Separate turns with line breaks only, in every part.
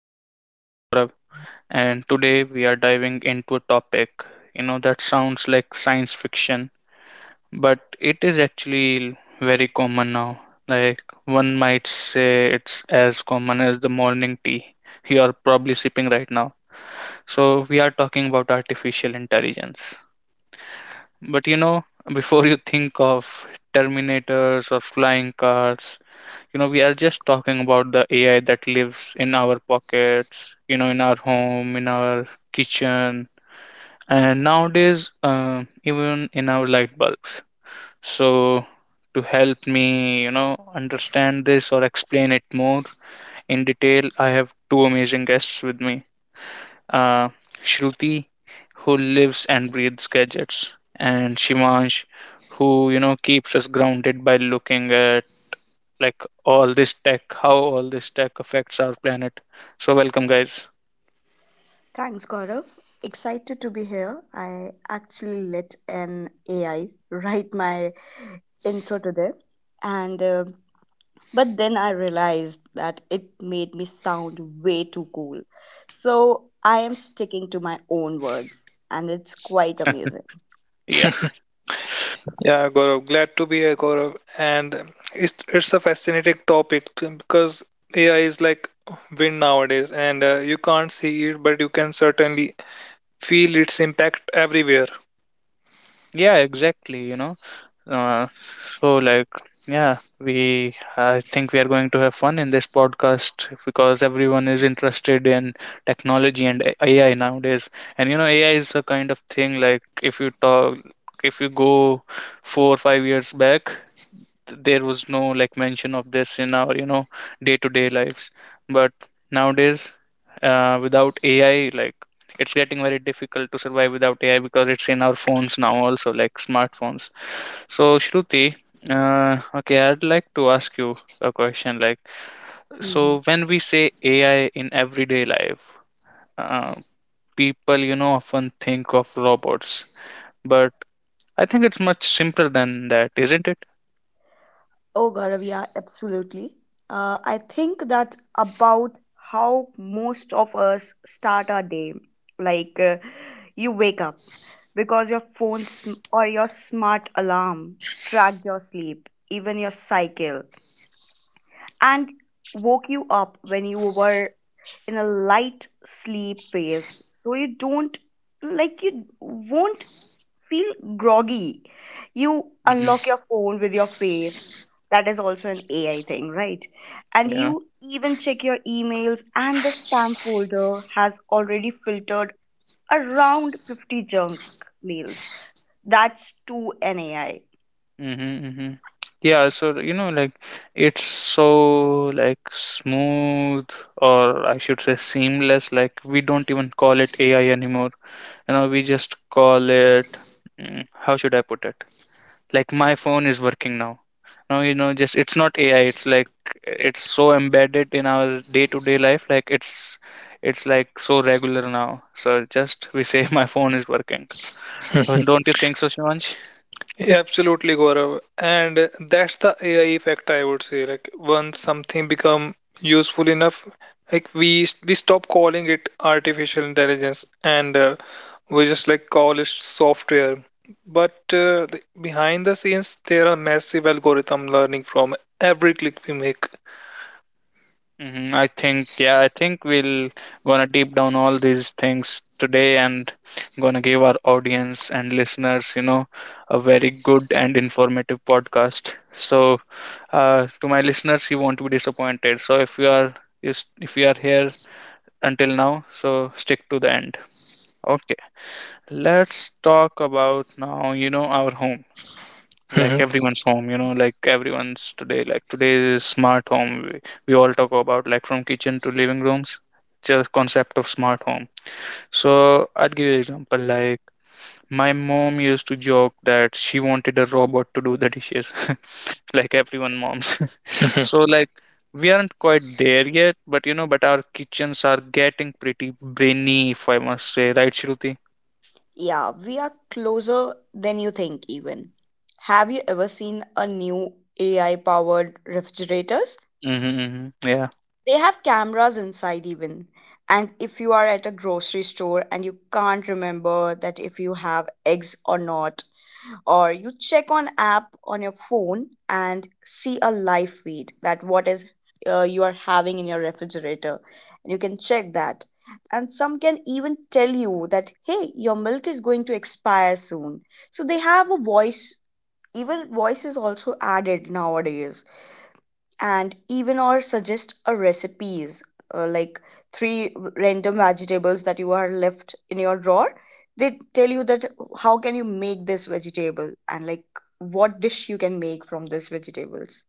I'm your host Gaurav, and today we are diving into a topic that sounds like science fiction, but it is actually very common now. Like, one might say it's as common as the morning tea you are probably sipping right now. So, we are talking about artificial intelligence. But before you think of Terminators or flying cars, we are just talking about the ai that lives in our pockets, in our home, in our kitchen, and nowadays, even in our light bulbs. So to help me understand this or explain it more in detail, I have two amazing guests with me. uh, Shruti, who lives and breathes gadgets, and Shimansh, who keeps us grounded by looking at how all this tech affects our planet. So, welcome, guys.
Thanks, Gaurav. Excited to be here. I actually let an AI write my intro today, and but then I realized that it made me sound way too cool. So I am sticking to my own words, and it's quite amazing.
Yeah,
Yeah, Gaurav, glad to be here, Gaurav. And it's a fascinating topic because AI is like wind nowadays, and you can't see it, but you can certainly feel its impact everywhere.
yeah, exactly. You know, uh, so like, yeah, we I think we are going to have fun in this podcast because everyone is
Mhm.
interested in technology and AI nowadays. And you know, AI is a kind of thing like if you talk, if you go 4 or 5 years back, there was no like mention of this in our day-to-day lives, but nowadays, without ai, like it's getting very difficult to survive without ai because it's in our phones now also, like smartphones. So Shruti, okay, I'd like to ask you a question. Like, so
Mhm.
when we say ai in everyday life, uh, people often think of robots, but I think it's much simpler than that, isn't it?
Oh, Gaurav, yeah, absolutely. I think that's about how most of us start our day. Like, uh, you wake up because your phone sm- or your smart alarm tracked your sleep, even your cycle, and woke you up when you were in a light sleep phase, so you don't like you won't feel groggy. You
hmm
unlock your phone with your face. That is also an AI thing, right? And you even check your emails, and the spam folder has already filtered around 50 junk mails. That's to an AI.
Mm-hmm, mm-hmm. Yeah, so you know, like it's so smooth, or I should say seamless. Like we don't even call it AI anymore. You know, we just call it. How should I put it? Like my phone is working now. No, you know, just it's not AI. It's like it's so embedded in our day-to-day life. Like it's like so regular now. So just we say my phone is working. Don't you think so, Shivansh?
Yeah, absolutely, Gaurav. And that's the AI effect, I would say. Like once something become useful enough, like we stop calling it artificial intelligence, and we just like call it software. But the, behind the scenes, there are massive algorithm learning from every click we make.
I think, yeah, I think we'll gonna deep down all these things today and gonna give our audience and listeners, you know, a very good and informative podcast. So, to my listeners, you won't be disappointed. So, if you are if you are here until now, so stick to the end. Okay, let's talk about now, you know, our home, like
Mhm,
everyone's home, you know, like everyone's today, like today is smart home. We all talk about like from kitchen to living rooms, just concept of smart home. So I'd give you an example. Like my mom used to joke that she wanted a robot to do the dishes, like everyone moms.
mhm.
So like we aren't quite there yet, but you know, but our kitchens are getting pretty brainy, if I must say, right, Shruti?
Yeah, we are closer than you think, even. Have you ever seen a new AI powered refrigerators?
Mm-hmm, mm-hmm. Yeah.
They have cameras inside, even. And if you are at a grocery store and you can't remember that if you have eggs or not, or you check on app on your phone and see a live feed that what is you are having in your refrigerator, and you can check that. And some can even tell you that hey, your milk is going to expire soon, so they have a voice. Even voice is also added nowadays. And even or suggest a recipes, like three random vegetables that you are left in your drawer, they tell you that how can you make this vegetable, and like what dish you can make from these vegetables.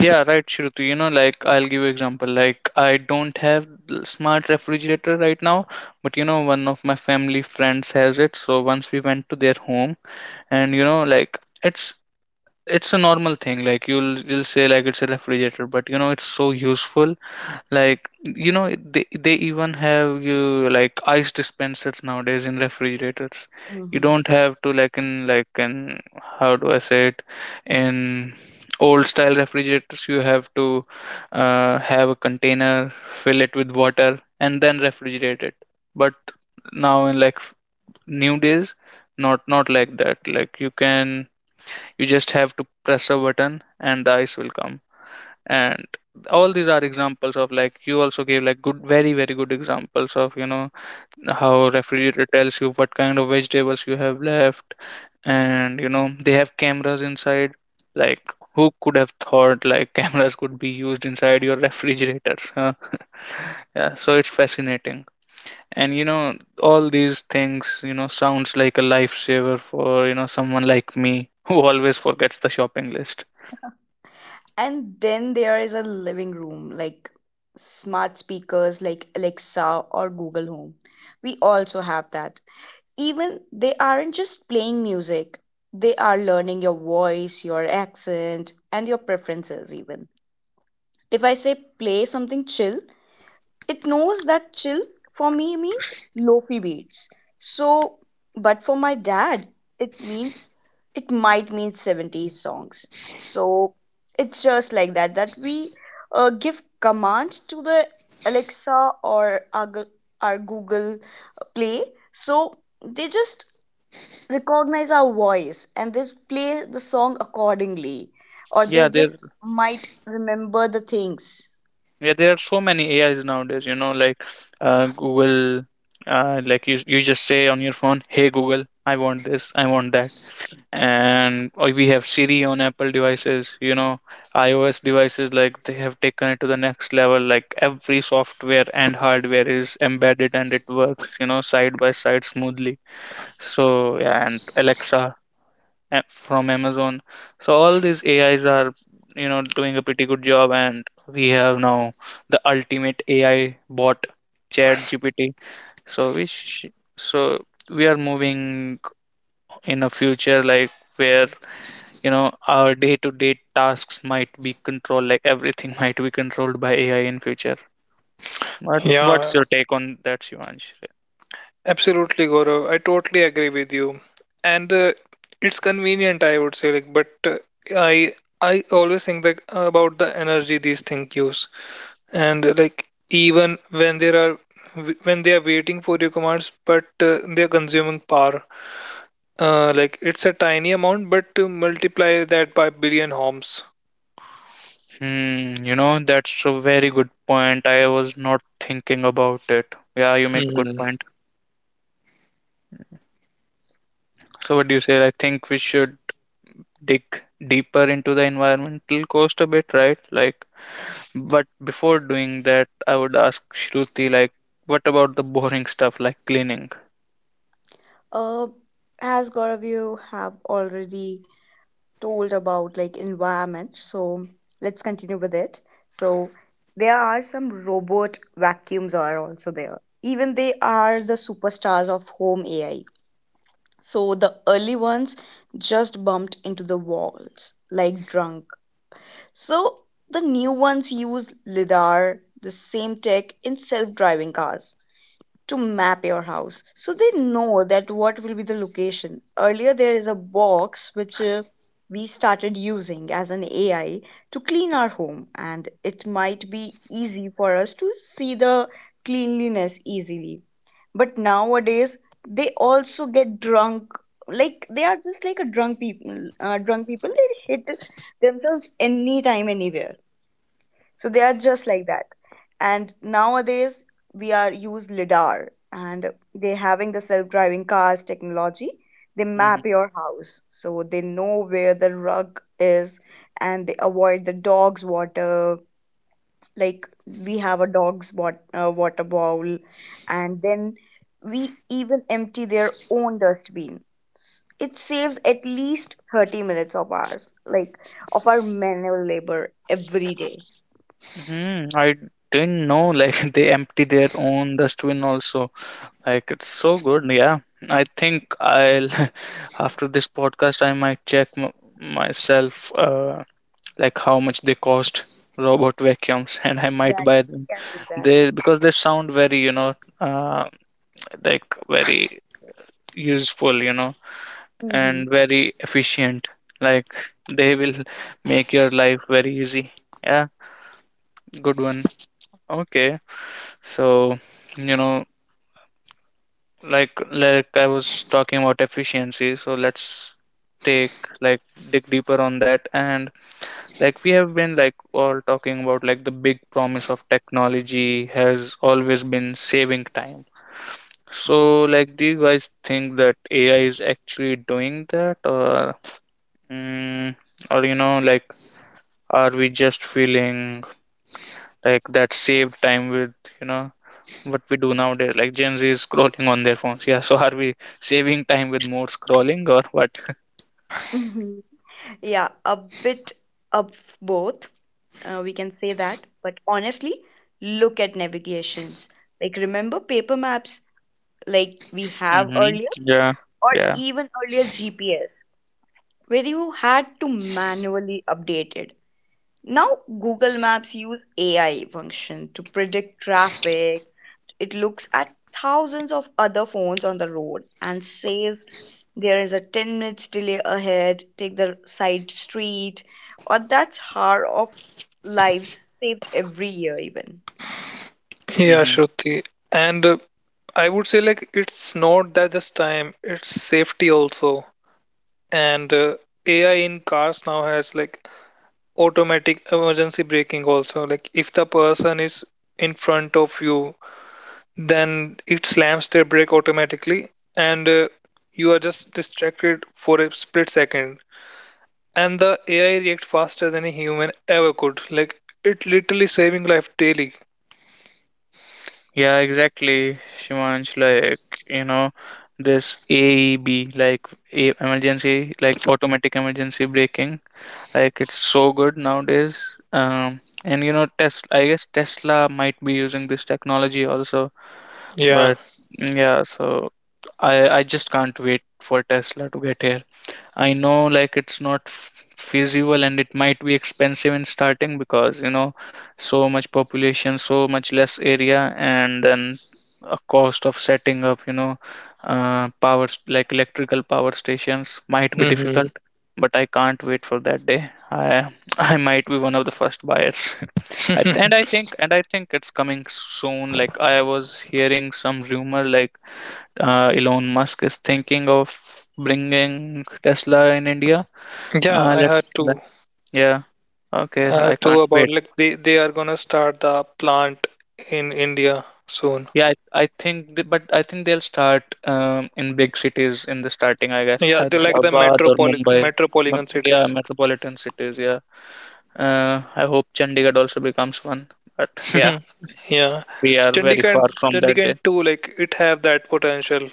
Yeah, right, Shruti. You know, like I'll give you example. Like I don't have smart refrigerator right now, but you know, one of my family friends has it. So once we went to their home, and you know, like it's it's a normal thing. Like you'll say like it's a refrigerator, but you know, it's so useful. Like you know, they even have you, like ice dispensers nowadays in refrigerators. You
Mm-hmm.
don't have to, like, in how do I say it, in old style refrigerators, you have to have a container, fill it with water and then refrigerate it. But now, in like new days, not like that. Like you can, you just have to press a button and the ice will come. And all these are examples of, like, you also gave like good, very very good examples of, you know, how refrigerator tells you what kind of vegetables you have left, and you know, they have cameras inside. Like, who could have thought like cameras could be used inside
Exactly.
your refrigerators, huh? Yeah, so it's fascinating. And you know, all these things, you know, sounds like a lifesaver for, you know, someone like me who always forgets the shopping list.
And then there is a living room, like smart speakers like Alexa or Google Home. We also have that. Even they aren't just playing music, they are learning your voice, your accent, and your preferences. Even if I say play something chill, it knows that chill for me means lofi beats. So but for my dad it means, it might mean seventies songs. So it's just like that, that we give commands to the Alexa or our Google Play. So they just recognize our voice and they play the song accordingly, or they
yeah there
just might remember the things.
Yeah, there are so many AIs nowadays, you know, like Google, like you just say on your phone, hey Google, I want this, I want that. And or we have Siri on Apple devices, you know, iOS devices, like they have taken it to the next level. Like every software and hardware is embedded and it works, you know, side by side smoothly. So, yeah, and Alexa from Amazon. So all these AIs are, you know, doing a pretty good job, and we have now the ultimate AI bot, ChatGPT. So so we are moving in a future like where you know our day-to-day tasks might be controlled, like everything might be controlled by AI in future. What what's
Yeah,
your take on that, Shivansh?
absolutely, Gaurav. I totally agree with you. And it's convenient, I would say, like, but I I always think that about the energy these things use. And like even when there are when they are waiting for your commands, but they are consuming power. Like it's a tiny amount, but to multiply that by billion homes.
Hmm, you know, that's a very good point. I was not thinking about it. Yeah, you make a good
Hmm.
point. So what do you say? I think we should dig deeper into the environmental cost a bit, right? Like, but before doing that, I would ask Shruti, like, what about the boring stuff like cleaning?
Uh, as Gaurav, you have already told about like environment, so let's continue with it. So there are some robot vacuums are also there. Even they are the superstars of home AI. So the early ones just bumped into the walls like drunk. So the new ones use LiDAR, the same tech in self driving cars, to map your house so they know that what will be the location. Earlier there is a box which we started using as an AI to clean our home, and it might be easy for us to see the cleanliness easily. But nowadays they also get drunk, like they are just like a drunk people. Drunk people, they hit themselves anytime anywhere, so they are just like that. And nowadays we are use LiDAR, and they having the self-driving cars technology. They
hmm
map your house so they know where the rug is, and they avoid the dog's water. Like we have a dog's water bowl, and then we even empty their own dustbin. It saves at least 30 minutes of ours, like of our manual labor every day.
I didn't know like they empty their own dustbin also. Like it's so good. Yeah, I think I'll after this podcast I might check m myself. Like how much they cost, robot vacuums, and I might buy
Exactly, you
them.
can do that.
They, because they sound very, you know, uh, very useful, you know,
Mm-hmm.
and very efficient. Like they will make your life very easy. Yeah, good one. Okay, so you know, like I was talking about efficiency, so let's take, like, dig deeper on that. And like we have been like all talking about, like, the big promise of technology has always been saving time. So like, do you guys think that ai is actually doing that, or mm, or you know, like, are we just feeling like that saved time with, you know, what we do nowadays, like gen z is scrolling on their phones? Yeah. So are we saving time with more scrolling or what?
Mm-hmm. Yeah, a bit of both. We can say that. But honestly, look at navigations. Like, remember paper maps like we have
Mm-hmm.
earlier,
Yeah.
or
Yeah.
even earlier GPS, where you had to manually update it. Now, Google Maps use AI function to predict traffic. It looks at thousands of other phones on the road and says there is a 10 minutes delay ahead, take the side street, or that's hour of lives saved every year even.
Yeah,
hmm
Shruti. And I would say like it's not that just time, it's safety also. And AI in cars now has like automatic emergency braking also. Like if the person is in front of you, then it slams their brake automatically, and you are just distracted for a split second. And the AI reacts faster than a human ever could. Like it literally saving life daily.
Yeah, exactly, Shimansh. Like, you know, this AEB, like emergency, like automatic emergency braking, like it's so good nowadays. And you know, Tesla, I guess Tesla might be using this technology also.
Yeah.
But yeah, so I just can't wait for Tesla to get here. I know, like it's not feasible, and it might be expensive in starting, because you know, so much population, so much less area, and then a cost of setting up, you know, like electrical power stations might be
Hmm.
difficult. But I can't wait for that day. I I might be one of the first buyers. I th- and I think it's coming soon. Like I was hearing some rumor, like Elon Musk is thinking of bringing Tesla in India.
Yeah,
Uh,
I heard
let's, let-
too.
yeah, okay,
I
I
heard too
can't
about
wait.
like they are gonna start the plant in India soon.
Yeah, I think, but I think they'll start, in big cities in the starting, I guess,
Yeah, they like the
Hyderabad or Mumbai.
metropolitan
Yeah,
cities.
metropolitan cities. Yeah, I hope Chandigarh also becomes one. But yeah,
Yeah,
we are very
Chandigarh,
far from that.
Chandigarh too. Like it have that potential.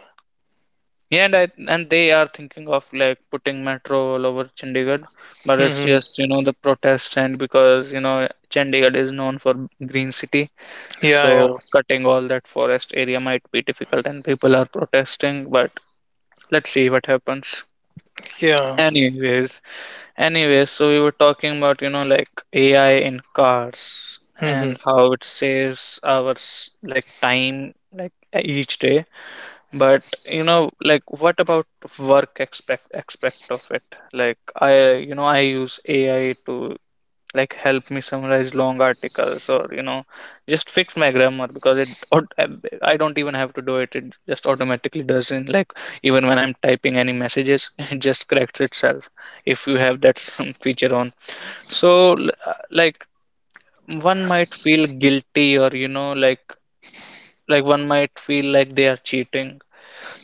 Yeah, and they are thinking of like putting metro all over Chandigarh, but it's
Hmm.
just, you know, the protest, and because you know, Chandigarh is known for green city,
Yeah, yeah,
so cutting all that forest area might be difficult, and people are protesting. But let's see what happens.
yeah.
Anyways, anyways, so we were talking about, you know, like AI in cars
Hmm.
and how it saves our like time, like each day. But you know, like what about work expect aspect of it? Like I you know, I use ai to like help me summarize long articles, or you know, just fix my grammar, because it I don't even have to do it, it just automatically does, in like, even when I'm typing any messages, it just corrects itself if you have that some feature on. So one might feel guilty, or you know, like one might feel like they are cheating.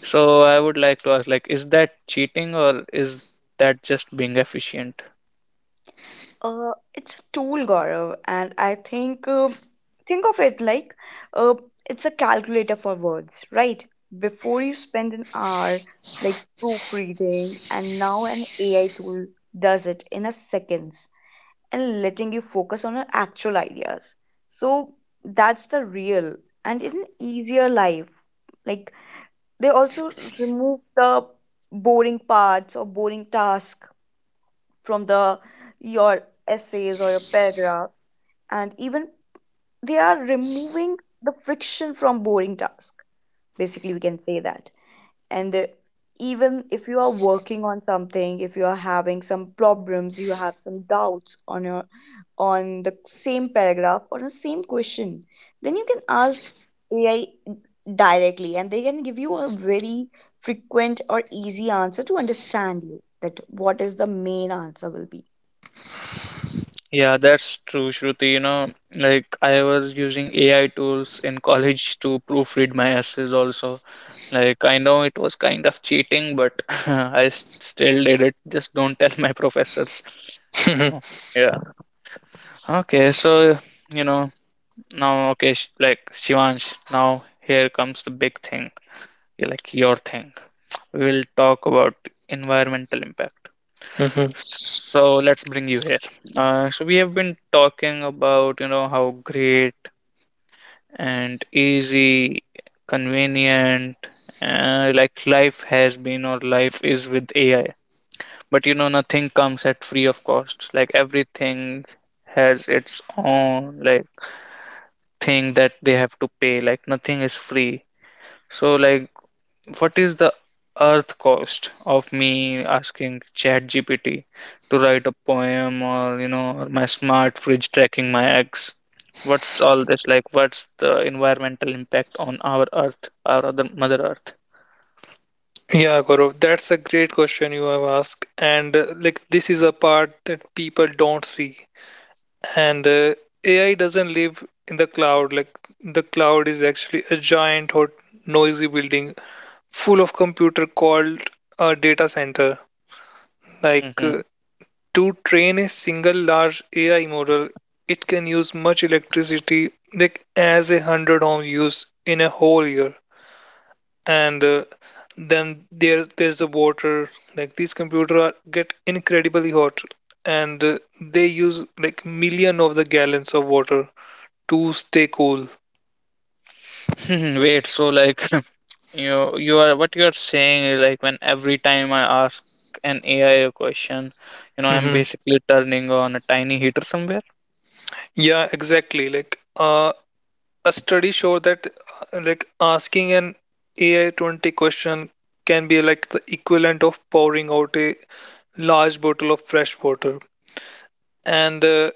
So I would like to ask, like, is that cheating, or is that just being efficient?
It's a tool, Gaurav, and I think of it like uh, it's a calculator for words, right? Before you spend an hour like proofreading, and now an AI tool does it in a second, and letting you focus on your actual ideas. So that's the real and in easier life. Like they also remove the boring parts or boring task from the your essays or your paragraphs. And even they are removing the friction from boring task. Basically we can say that. And even if you are working on something, if you are having some problems, you have some doubts on your on the same paragraph or the same question, then you can ask AI directly and they can give you a very frequent or easy answer to understand you that what is the main answer will be.
Yeah, that's true, Shruti. You know, like I was using AI tools in college to proofread my essays also. Like I know it was kind of cheating, but still did it. Just don't tell my professors. You know. Yeah. Okay, so you know, now okay, like Shivansh, now here comes the big thing, like your thing. We'll talk about environmental impact.
Hmm.
So let's bring you here. So we have been talking about, you know, how great and easy, convenient, like life has been or life is with AI. But you know, nothing comes at free of cost. Like everything has its own like thing that they have to pay. Like nothing is free. So like what is the earth cost of me asking ChatGPT to write a poem or, you know, or my smart fridge tracking my eggs? What's all this like? What's the environmental impact on our earth, our other mother earth?
Yeah, Gaurav, that's a great question you have asked, and like this is a part that people don't see. And AI doesn't live in the cloud. Like the cloud is actually a giant or noisy building full of computer called a data center. Like uh, To train a single large AI model, it can use much electricity, like as 100 homes use in a whole year. And then there's the water. Like these computers are, get incredibly hot, and they use like million of the gallons of water to stay cool.
Mm-hmm. Wait, so like you are, what you are saying is, like when every time I ask an AI a question, you know, I'm
Hmm.
basically turning on a tiny heater somewhere.
Yeah, exactly. A study showed that like asking an AI 20 question can be like the equivalent of powering out a large bottle of fresh water, and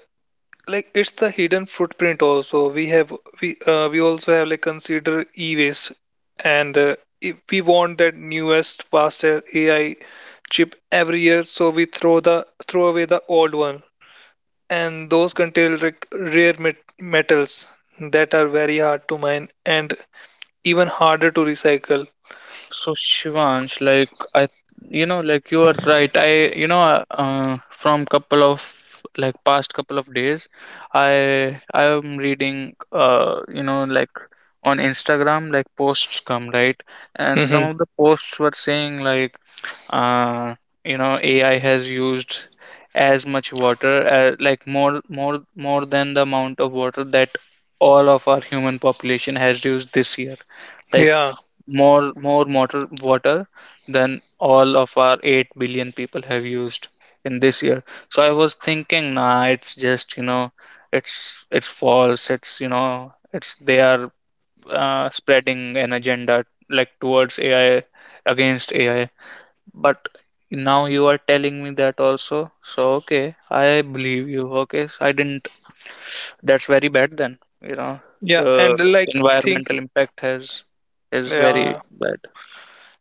like it's the hidden footprint also we have we also have like consider e-waste. And if we want that newest faster AI chip every year, so we throw the throw away the old one, and those contain like rare metals that are very hard to mine and even harder to recycle.
So Shivansh, like I, you know, like you are right. I, you know, from couple of like past couple of days, I am reading, you know, like on Instagram, like posts come right, and some
Hmm.
of the posts were saying like uh, you know, AI has used as much water, like more than the amount of water that all of our human population has used this year, like
Yeah.
more water water than all of our 8 billion people have used in this year. So I was thinking, nah, it's just, you know, it's false, it's, you know, it's, they are spreading an agenda like towards AI, against AI. But now you are telling me that also. So okay, I believe you. Okay, so I didn't. That's very bad then. You know,
yeah
the
and like think
environmental impact has, is very
yeah
bad.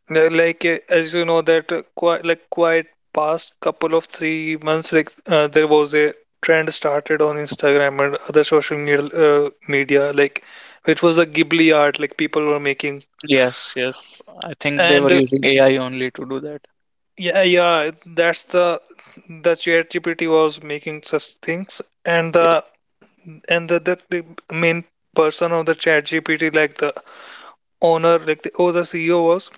Yeah. As you know that quite past couple of three months, like there was a trend started on Instagram and other social media, like which was a Ghibli art, like people were making.
Yes, yes. I think they
And
were using AI only to do that.
yeah, yeah, that's the ChatGPT was making such things. And
Yeah.
the, the main person of the ChatGPT, like the owner, like the CEO was,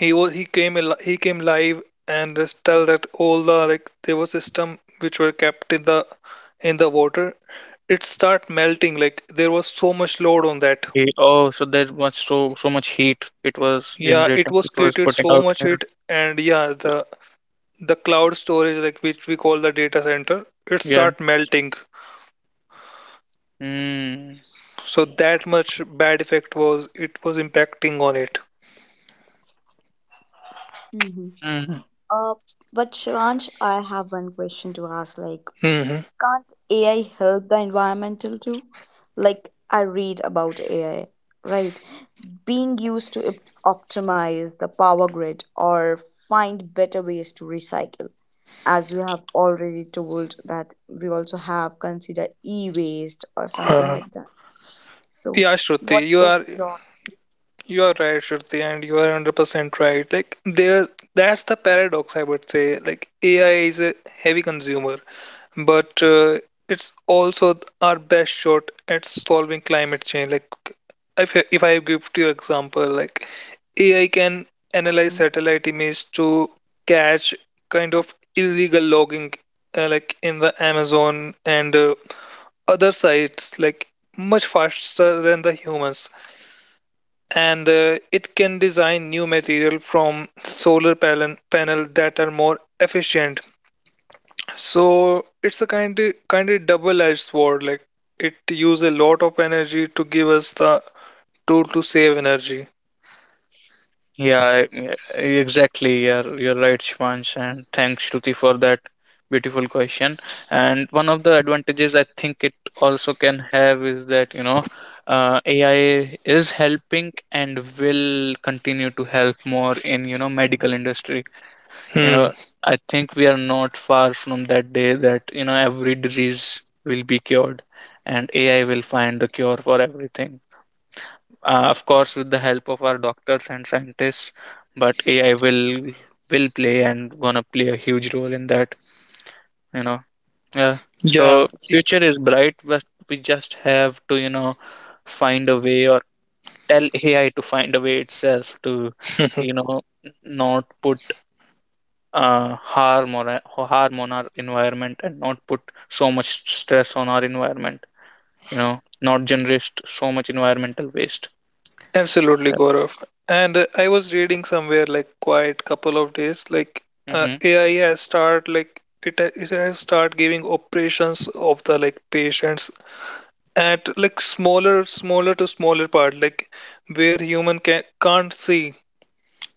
he he came live and just tell that all the, like there was system which were kept in the water, it start melting. Like there was so much load on that.
He- Oh, so there was so so much heat it was
Yeah, it
generating.
was
It was
created
putting
so
out.
much
Yeah.
it, and yeah, the cloud storage, like which we call the data center, it
Yeah.
start melting. So that much bad effect was, it was impacting on it.
Mm-hmm.
Mm.
uh, but Shivansh, I have one question to ask. Like,
Hmm.
can't AI help the environmental too? Like I read about AI, right? Being used to optimize the power grid or find better ways to recycle. As we have already told that we also have consider e-waste or something
uh,
like that. So
yeah, Shruti,
what
you are.
is your
You are right, Shruti, and you are 100% right. Like there, that's the paradox, I would say. Like AI is a heavy consumer, but it's also our best shot at solving climate change. Like if I give you example, like AI can analyze
Mhm,
satellite images to catch kind of illegal logging, like in the Amazon, and other sites, like much faster than the humans. And it can design new material from solar panel that are more efficient. So it's a kind of double-edged sword. Like it uses a lot of energy to give us the tool to save energy.
Yeah, e- exactly. You're right, Shivansh, and thanks, Shruti, for that beautiful question. And one of the advantages I think it also can have is that, you know, AI is helping and will continue to help more in, you know, medical industry. You
Hmm.
know, I think we are not far from that day that, you know, every disease will be cured and AI will find the cure for everything, of course with the help of our doctors and scientists. But AI will play and gonna play a huge role in that, you know. Yeah. So
yeah Y-
future is bright, but we just have to, you know, find a way or tell AI to find a way itself to,
mhm.
you know, not put harm or harm on our environment and not put so much stress on our environment, you know, not generate so much environmental waste.
Absolutely, Gaurav. And I was reading somewhere like quite couple of days, like
Hmm.
AI has start like it has start giving operations of the like patients at like smaller smaller to smaller part, like where human can, can't see.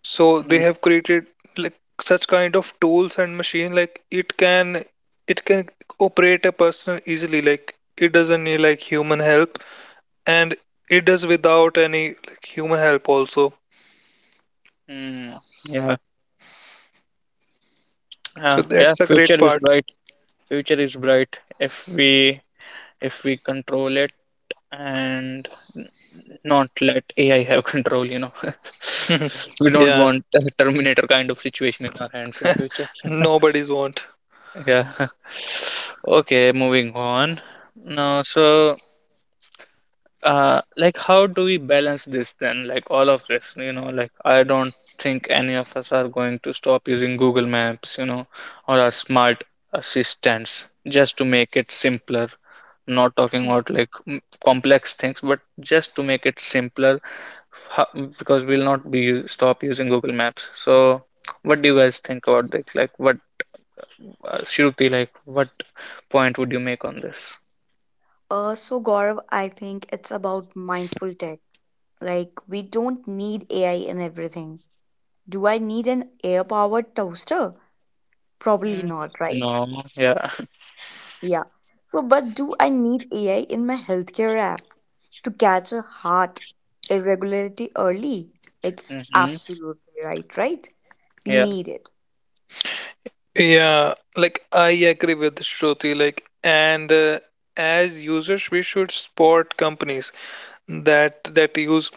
So they have created like such kind of tools and machine, like it can operate a person easily. Like it doesn't need like human help, and it does without any like human help also.
Hmm. Yeah.
So
Yeah, yeah,
that's the great
future is
part.
bright. Future is bright if we, if we control it and n- not let AI have control, you know. We don't
Yeah.
want a Terminator kind of situation in our hands in future.
Nobody's want.
Yeah. Okay, moving on. Now, so like how do we balance this then, like all of this, you know, like I don't think any of us are going to stop using Google Maps, you know, or our smart assistants just to make it simpler, not talking
mm.
about like complex things but just to make it simpler, because we'll not be stop using Google Maps. So what do you guys think about this, like what, Shruti, like what point would you make on this?
So Gaurav, I think it's about mindful tech. Like we don't need AI in everything. Do I need an air powered toaster? Probably
Mm,
not, right?
no, yeah.
Yeah. So, but do I need AI in my healthcare app to catch a heart irregularity early? Like,
Hmm.
absolutely right, right? We
Yeah.
need it.
Yeah, like I agree with Shruti. Like, and as users, we should spot companies that use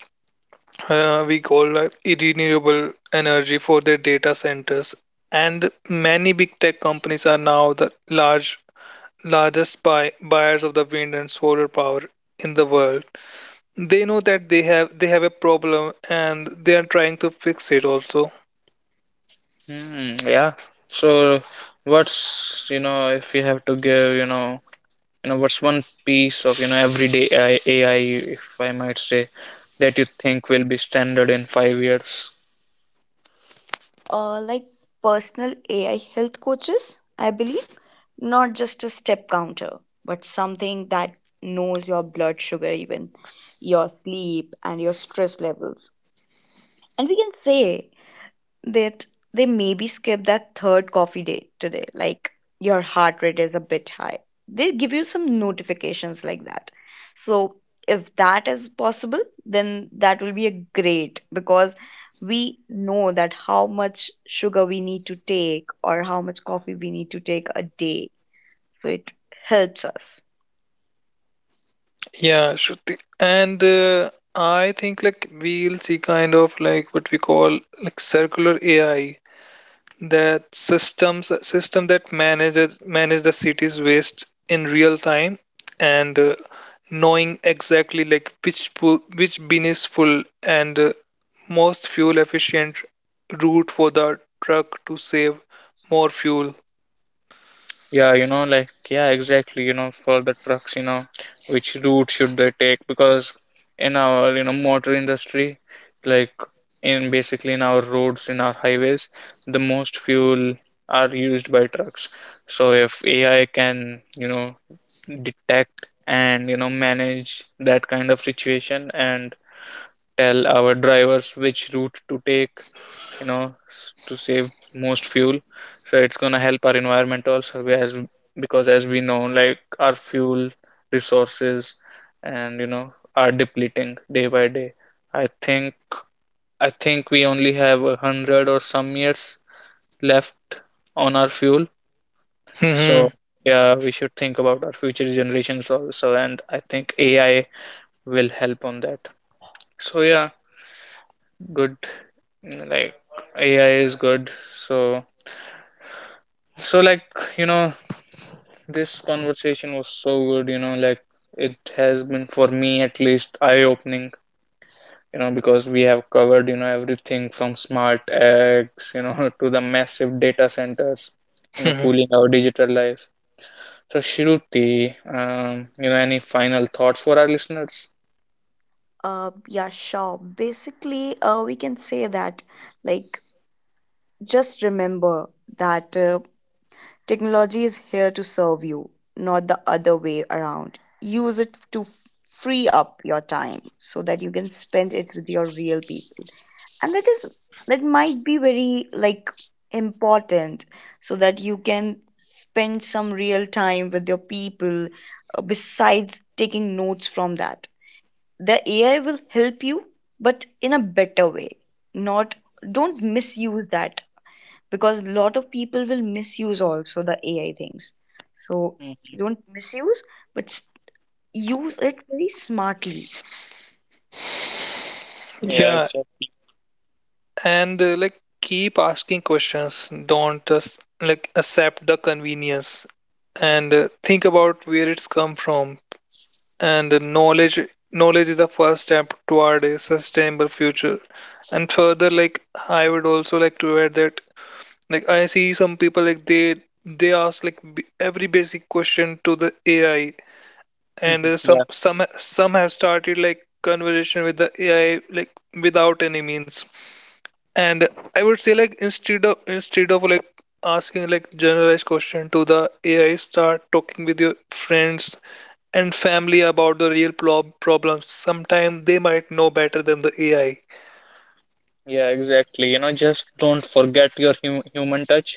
we call renewable energy for their data centers. And many big tech companies are now the large largest buyers of the wind and solar power in the world. They know that they have a problem, and they are trying to fix it also.
Hmm. Yeah. So, what's, you know, if you have to give, you know, what's one piece of, you know, everyday AI, if I might say, that you think will be standard in 5 years?
Like personal AI health coaches, I believe, not just a step counter, but something that knows your blood sugar, even your sleep and your stress levels. And we can say that they maybe skip that third coffee date today, like your heart rate is a bit high. They give you some notifications like that. So, if that is possible, then that will be a great, because we know that how much sugar we need to take or how much coffee we need to take a day. So, it helps us.
Yeah, Shruti. And I think like we'll see kind of like what we call like circular AI, that system that manage the city's waste in real time. And knowing exactly like which which bin is full, and most fuel efficient route for the truck to save more fuel.
Yeah, you know, like yeah, exactly. You know, for the trucks, you know, which route should they take? Because in our, you know, motor industry, like in basically in our roads, in our highways, the most fuel are used by trucks. So if AI can, you know, detect and you know manage that kind of situation and tell our drivers which route to take, you know, to save most fuel. So it's going to help our environment also, as because as we know like our fuel resources and, you know, are depleting day by day. I think i think we only have a hundred or some years left on our fuel.
Mhm,
So yeah, we should think about our future generations also, and I think AI will help on that. So yeah, good. Like AI is good. So so like, you know, this conversation was so good. You know, like it has been for me, at least, eye opening. You know, because we have covered, you know, everything from smart eggs, you know, to the massive data centers, you know,
mhm.
cooling our digital life. So, Shruti, you know, any final thoughts for our listeners?
Yeah, sure. Basically, we can say that, like, just remember that technology is here to serve you, not the other way around. Use it to free up your time so that you can spend it with your real people. And that is that might be very like important, so that you can spend some real time with your people, besides taking notes from that. The AI will help you, but in a better way. Not don't misuse that, because a lot of people will misuse also the AI things. So
Mhm.
don't misuse, but use it very smartly.
Yeah,
Yeah,
exactly.
and like keep asking questions. Don't just like accept the convenience, and think about where it's come from. And knowledge is the first step toward a sustainable future. And further like I would also like to add that like I see some people like they ask like every basic question to the AI. And
Mhm. Yeah.
some have started like conversation with the AI, like without any means. And I would say like instead of like asking like generalized question to the ai, start talking with your friends and family about the real problems. Sometimes they might know better than the AI.
Yeah, exactly. You know, just don't forget your human touch.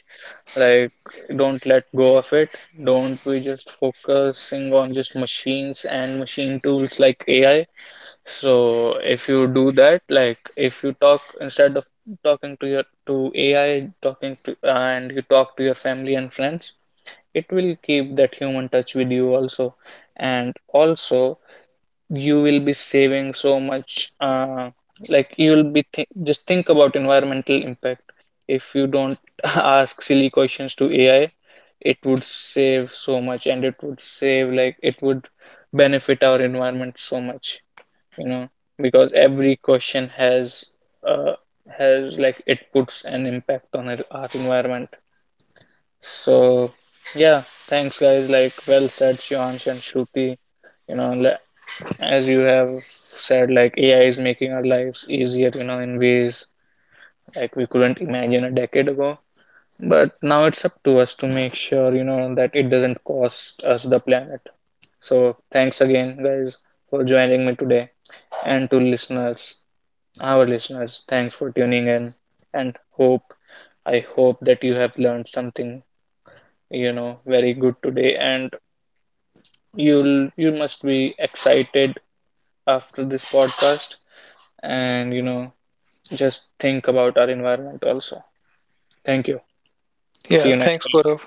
Like, don't let go of it. Don't be just focusing on just machines and machine tools like AI. So, if you do that, like, if you talk instead of talking to your to AI, talking to and you talk to your family and friends, it will keep that human touch with you also. And also you will be saving so much, like you will be just think about environmental impact if you don't ask silly questions to AI. It would save so much and it would save, like it would benefit our environment so much, you know, because every question has uh, has, like it puts an impact on our environment. So yeah, thanks guys. Like well said, Shivansh and Shruti. You know, as you have said, like AI is making our lives easier, you know, in ways like we couldn't imagine a decade ago. But now it's up to us to make sure, you know, that it doesn't cost us the planet. So thanks again, guys, for joining me today, and to listeners, our listeners. Thanks for tuning in, and hope I hope that you have learned something, you know, very good today. And you must be excited after this podcast, and you know, just think about our environment also. Thank you. See
Yeah,
you next
thanks,
time.
Gaurav.